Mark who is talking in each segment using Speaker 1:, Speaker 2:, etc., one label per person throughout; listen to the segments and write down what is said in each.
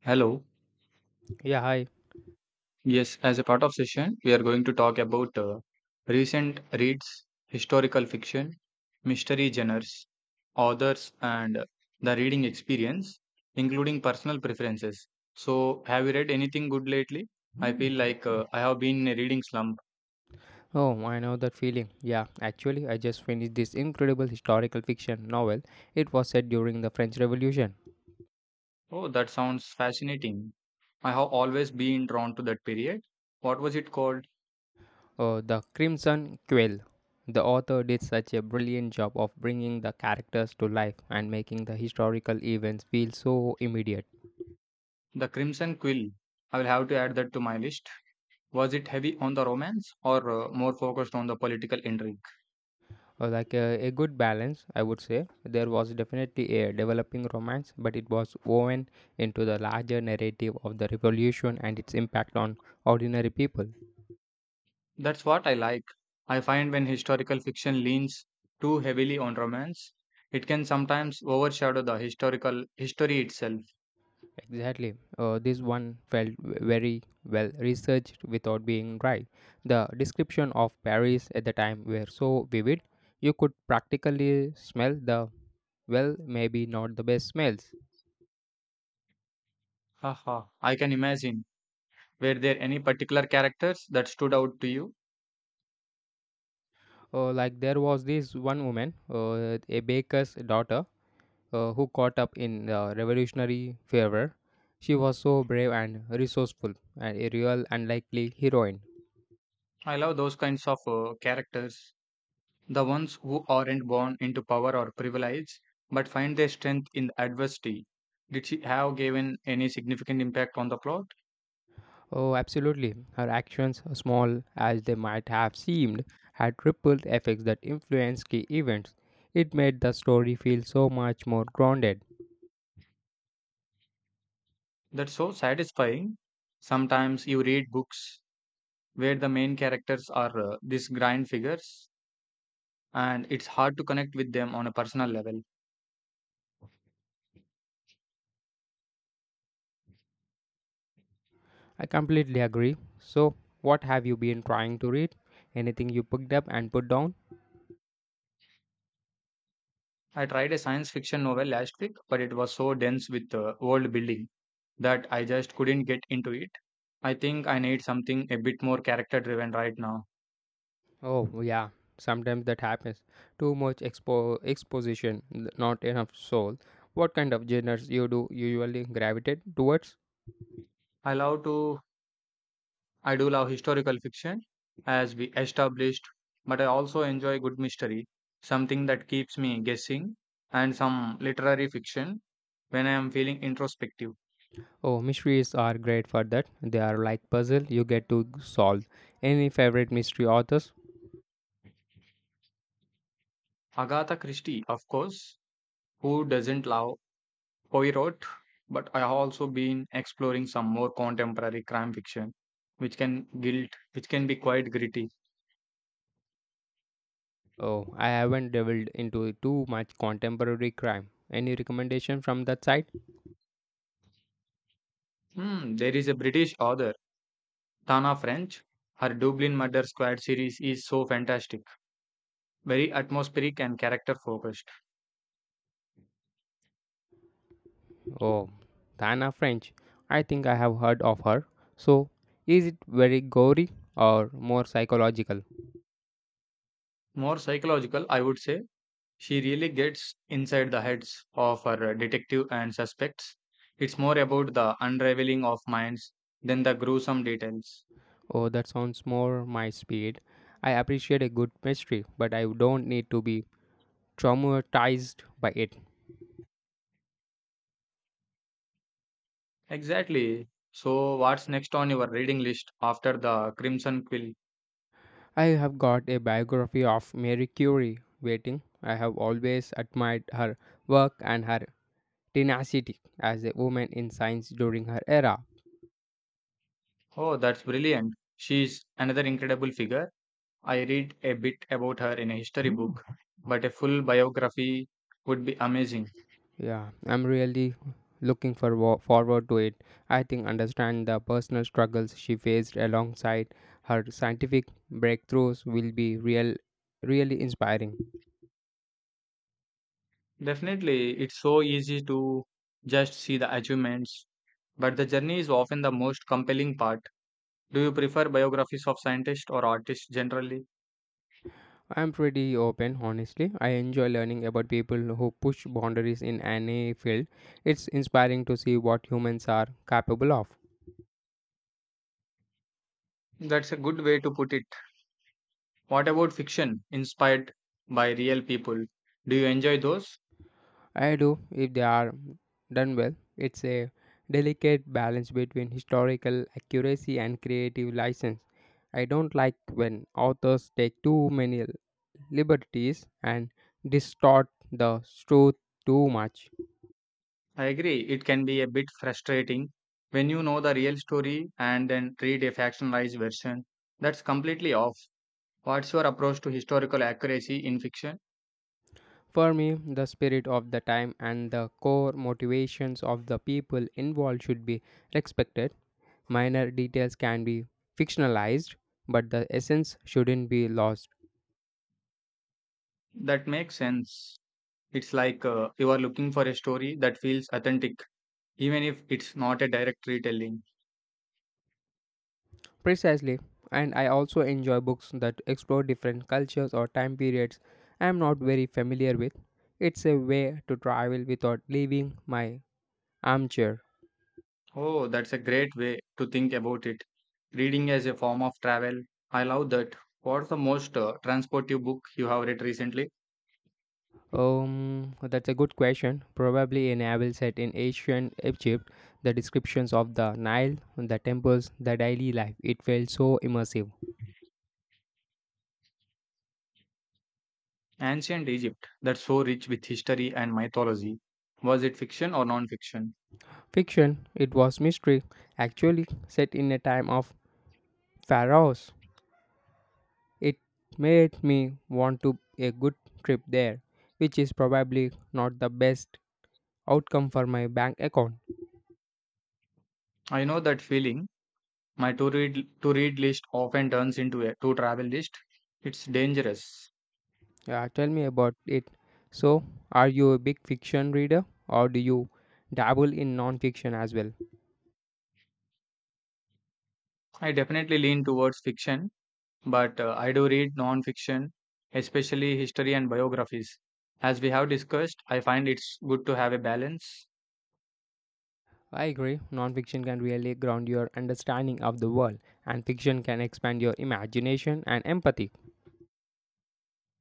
Speaker 1: Hello.
Speaker 2: Yeah, hi.
Speaker 1: Yes, as a part of session, we are going to talk about recent reads, historical fiction, mystery genres, authors, and the reading experience, including personal preferences. So, have you read anything good lately? I feel like I have been in a reading slump.
Speaker 2: Oh, I know that feeling. Yeah, actually, I just finished this incredible historical fiction novel. It was set during the French Revolution.
Speaker 1: Oh, that sounds fascinating. I have always been drawn to that period. What was it called?
Speaker 2: Oh, The Crimson Quill. The author did such a brilliant job of bringing the characters to life and making the historical events feel so immediate.
Speaker 1: The Crimson Quill. I will have to add that to my list. Was it heavy on the romance or more focused on the political intrigue?
Speaker 2: Like a good balance, I would say. There was definitely a developing romance, but it was woven into the larger narrative of the revolution and its impact on ordinary people.
Speaker 1: That's what I like. I find when historical fiction leans too heavily on romance, it can sometimes overshadow the historical history itself.
Speaker 2: Exactly. This one felt very well researched without being dry. The description of Paris at the time were so vivid, you could practically smell the well, maybe not the best smells.
Speaker 1: Haha. I can imagine. Were there any particular characters that stood out to you?
Speaker 2: Like there was this one woman, a baker's daughter, who caught up in the revolutionary fervor. She was so brave and resourceful, and a real unlikely heroine.
Speaker 1: I love those kinds of characters. The ones who aren't born into power or privilege, but find their strength in adversity. Did she have given any significant impact on the plot?
Speaker 2: Oh, absolutely. Her actions, small as they might have seemed, had ripple effects that influenced key events. It made the story feel so much more grounded.
Speaker 1: That's so satisfying. Sometimes you read books where the main characters are these grand figures, and it's hard to connect with them on a personal level.
Speaker 2: I completely agree. So, what have you been trying to read? Anything you picked up and put down?
Speaker 1: I tried a science fiction novel last week, but it was so dense with world building that I just couldn't get into it. I think I need something a bit more character driven right now.
Speaker 2: Oh, yeah. Sometimes that happens. Too much exposition, not enough soul. What kind of genres you do usually gravitate towards?
Speaker 1: I love to I do love historical fiction, as we established, but I also enjoy good mystery, something that keeps me guessing, and some literary fiction when I am feeling introspective.
Speaker 2: Oh, mysteries are great for that. They are like puzzle you get to solve. Any favorite mystery authors?
Speaker 1: Agatha Christie, of course. Who doesn't love Poirot? But I have also been exploring some more contemporary crime fiction, which can be quite gritty.
Speaker 2: Oh, I haven't delved into too much contemporary crime. Any recommendation from that side?
Speaker 1: Hmm, there is a British author, Tana French. Her Dublin Murder Squad series is so fantastic, very atmospheric and character focused.
Speaker 2: Oh, Tana French. I think I have heard of her. So, is it very gory or more psychological?
Speaker 1: More psychological, I would say. She really gets inside the heads of her detective and suspects. It's more about the unraveling of minds than the gruesome details.
Speaker 2: Oh, that sounds more my speed. I appreciate a good mystery, but I don't need to be traumatized by it.
Speaker 1: Exactly. So, what's next on your reading list after The Crimson Quill?
Speaker 2: I have got a biography of Mary Curie waiting. I have always admired her work and her tenacity as a woman in science during her era.
Speaker 1: Oh, that's brilliant. She's another incredible figure. I read a bit about her in a history book, but a full biography would be amazing.
Speaker 2: Yeah, I'm really looking for forward to it. I think understand the personal struggles she faced alongside her scientific breakthroughs will be really inspiring.
Speaker 1: Definitely, it's so easy to just see the achievements, but the journey is often the most compelling part. Do you prefer biographies of scientists or artists generally?
Speaker 2: I'm pretty open, honestly. I enjoy learning about people who push boundaries in any field. It's inspiring to see what humans are capable of.
Speaker 1: That's a good way to put it. What about fiction inspired by real people? Do you enjoy those?
Speaker 2: I do, if they are done well. It's a delicate balance between historical accuracy and creative license. I don't like when authors take too many liberties and distort the truth too much.
Speaker 1: I agree. It can be a bit frustrating when you know the real story and then read a factionalized version that's completely off. What's your approach to historical accuracy in fiction?
Speaker 2: For me, the spirit of the time and the core motivations of the people involved should be respected. Minor details can be fictionalized, but the essence shouldn't be lost.
Speaker 1: That makes sense. It's like you are looking for a story that feels authentic, even if it's not a direct retelling.
Speaker 2: Precisely, and I also enjoy books that explore different cultures or time periods I am not very familiar with. It's a way to travel without leaving my armchair.
Speaker 1: Oh, that's a great way to think about it. Reading as a form of travel. I love that. What's the most transportive book you have read recently?
Speaker 2: That's a good question. Probably a novel set in ancient Egypt, the descriptions of the Nile, the temples, the daily life. It felt so immersive.
Speaker 1: Ancient Egypt, that's so rich with history and mythology. Was it fiction or non fiction?
Speaker 2: Fiction, it was mystery, actually set in a time of pharaohs. It made me want to a good trip there, which is probably not the best outcome for my bank account.
Speaker 1: I know that feeling. My to read list often turns into a to travel list. It's dangerous.
Speaker 2: Yeah, tell me about it. So, are you a big fiction reader or do you dabble in non-fiction as well?
Speaker 1: I definitely lean towards fiction, but I do read non fiction, especially history and biographies. As we have discussed, I find it's good to have a balance.
Speaker 2: I agree. Non-fiction can really ground your understanding of the world, and fiction can expand your imagination and empathy.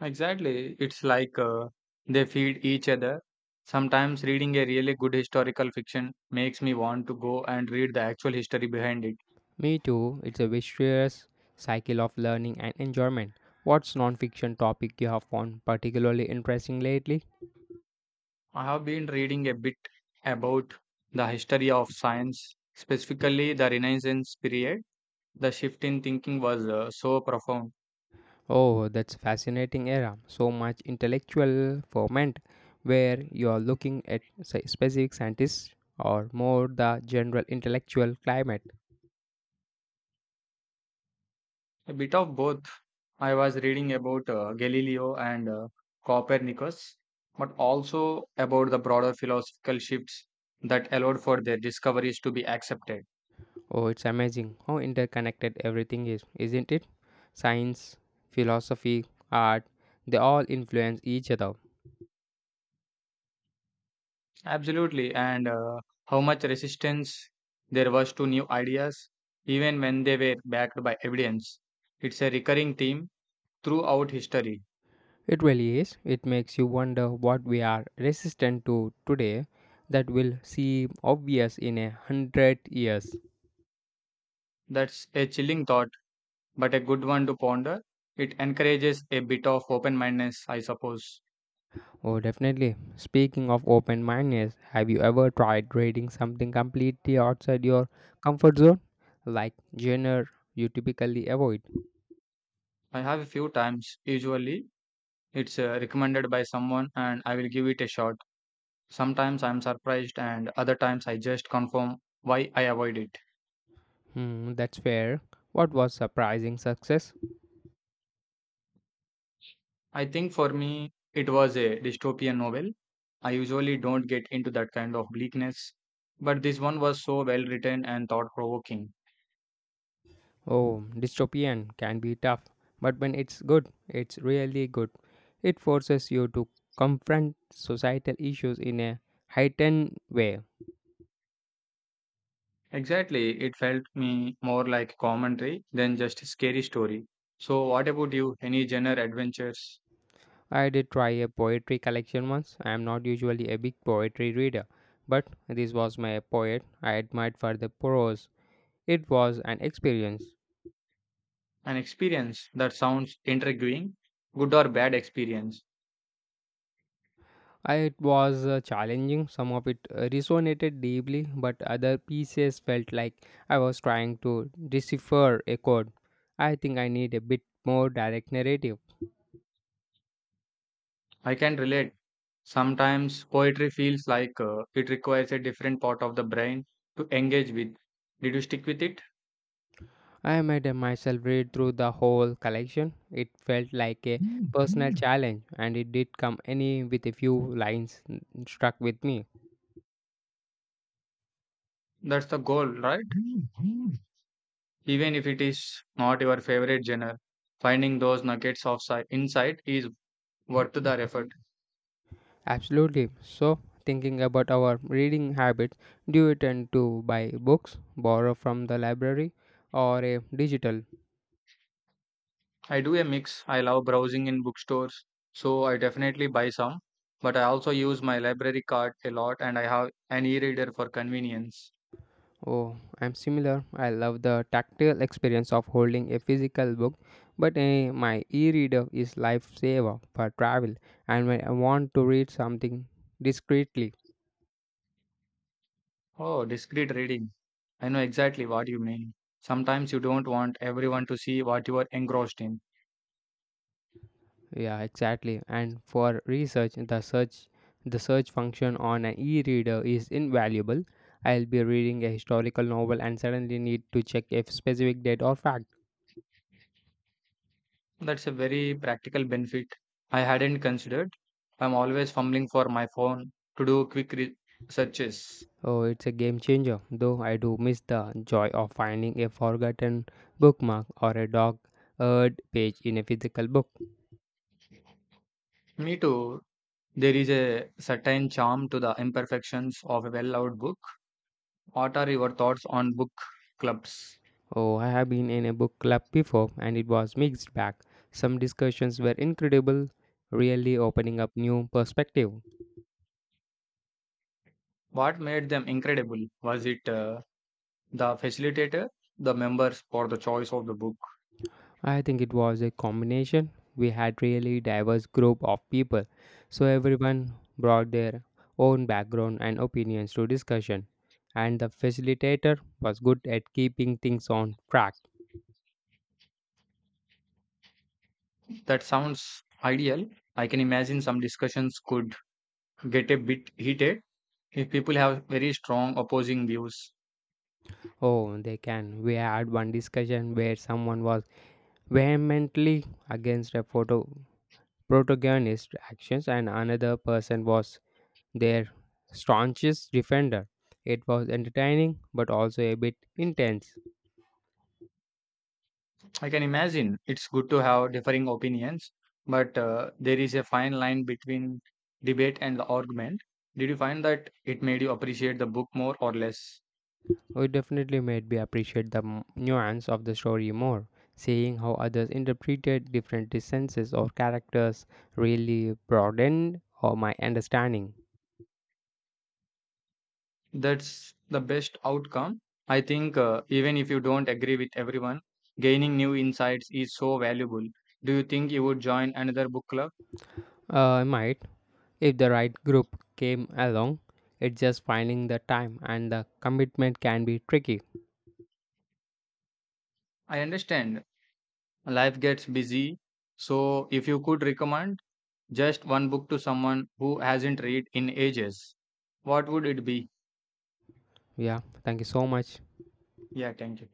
Speaker 1: Exactly. It's like they feed each other. Sometimes reading a really good historical fiction makes me want to go and read the actual history behind it.
Speaker 2: Me too. It's a vicious cycle of learning and enjoyment. What's non-fiction topic you have found particularly interesting lately?
Speaker 1: I have been reading a bit about the history of science, specifically the Renaissance period. The shift in thinking was so profound.
Speaker 2: Oh, that's fascinating era. So much intellectual ferment where you are looking at say, specific scientists or more the general intellectual climate.
Speaker 1: A bit of both. I was reading about Galileo and Copernicus, but also about the broader philosophical shifts that allowed for their discoveries to be accepted.
Speaker 2: Oh, it's amazing how interconnected everything is, isn't it? Science, philosophy, art, they all influence each other.
Speaker 1: Absolutely. And how much resistance there was to new ideas, even when they were backed by evidence. It's a recurring theme throughout history.
Speaker 2: It really is. It makes you wonder what we are resistant to today that will seem obvious in 100 years.
Speaker 1: That's a chilling thought, but a good one to ponder. It encourages a bit of open mindedness, I suppose.
Speaker 2: Oh, definitely. Speaking of open mindedness, have you ever tried reading something completely outside your comfort zone? Like genre you typically avoid?
Speaker 1: I have a few times. Usually, it's recommended by someone, and I will give it a shot. Sometimes I'm surprised, and other times I just confirm why I avoid it.
Speaker 2: Hmm, that's fair. What was surprising success?
Speaker 1: I think for me, it was a dystopian novel. I usually don't get into that kind of bleakness, but this one was so well written and thought provoking.
Speaker 2: Oh, dystopian can be tough, but when it's good, it's really good. It forces you to confront societal issues in a heightened way.
Speaker 1: Exactly, it felt me more like a commentary than just a scary story. So, what about you? Any genre adventures?
Speaker 2: I did try a poetry collection once. I am not usually a big poetry reader, but this was my poet I admired for the prose. It was an experience.
Speaker 1: An experience that sounds intriguing, good or bad experience?
Speaker 2: It was challenging. Some of it resonated deeply, but other pieces felt like I was trying to decipher a code. I think I need a bit more direct narrative.
Speaker 1: I can relate. Sometimes poetry feels like it requires a different part of the brain to engage with. Did you stick with it?
Speaker 2: I made myself read through the whole collection. It felt like a personal challenge, and it did come any with a few lines struck with me.
Speaker 1: That's the goal, right? Even if it is not your favorite genre, finding those insight is worth the effort.
Speaker 2: Absolutely. So, thinking about our reading habits, do you tend to buy books, borrow from the library, or a digital?
Speaker 1: I do a mix. I love browsing in bookstores, so I definitely buy some, but I also use my library card a lot, and I have an e-reader for convenience.
Speaker 2: Oh, I'm similar. I love the tactile experience of holding a physical book, but my e-reader is lifesaver for travel, and when I want to read something discreetly.
Speaker 1: Oh, discreet reading. I know exactly what you mean. Sometimes you don't want everyone to see what you are engrossed in.
Speaker 2: Yeah, exactly. And for research, the search function on an e-reader is invaluable. I'll be reading a historical novel and suddenly need to check if specific date or fact.
Speaker 1: That's a very practical benefit I hadn't considered. I'm always fumbling for my phone to do searches.
Speaker 2: Oh, it's a game changer, though I do miss the joy of finding a forgotten bookmark or a dog eared page in a physical book.
Speaker 1: Me too. There is a certain charm to the imperfections of a well out book. What are your thoughts on book clubs?
Speaker 2: Oh, I have been in a book club before and it was mixed bag. Some discussions were incredible, really opening up new perspective.
Speaker 1: What made them incredible? Was it the facilitator, the members, or the choice of the book?
Speaker 2: I think it was a combination. We had really diverse group of people, so everyone brought their own background and opinions to discussion, and the facilitator was good at keeping things on track.
Speaker 1: That sounds ideal. I can imagine some discussions could get a bit heated if people have very strong opposing views.
Speaker 2: Oh, they can. We had one discussion where someone was vehemently against a photo protagonist actions and another person was their staunchest defender. It was entertaining but also a bit intense.
Speaker 1: I can imagine it's good to have differing opinions, but there is a fine line between debate and the argument. Did you find that it made you appreciate the book more or less?
Speaker 2: We definitely made me appreciate the nuance of the story more. Seeing how others interpreted different senses or characters really broadened or my understanding.
Speaker 1: That's the best outcome. I think even if you don't agree with everyone, gaining new insights is so valuable. Do you think you would join another book club?
Speaker 2: I might, if the right group came along, it's just finding the time and the commitment can be tricky.
Speaker 1: I understand life gets busy, so if you could recommend just one book to someone who hasn't read in ages, what would it be?
Speaker 2: Yeah, thank you so much.
Speaker 1: Yeah, thank you.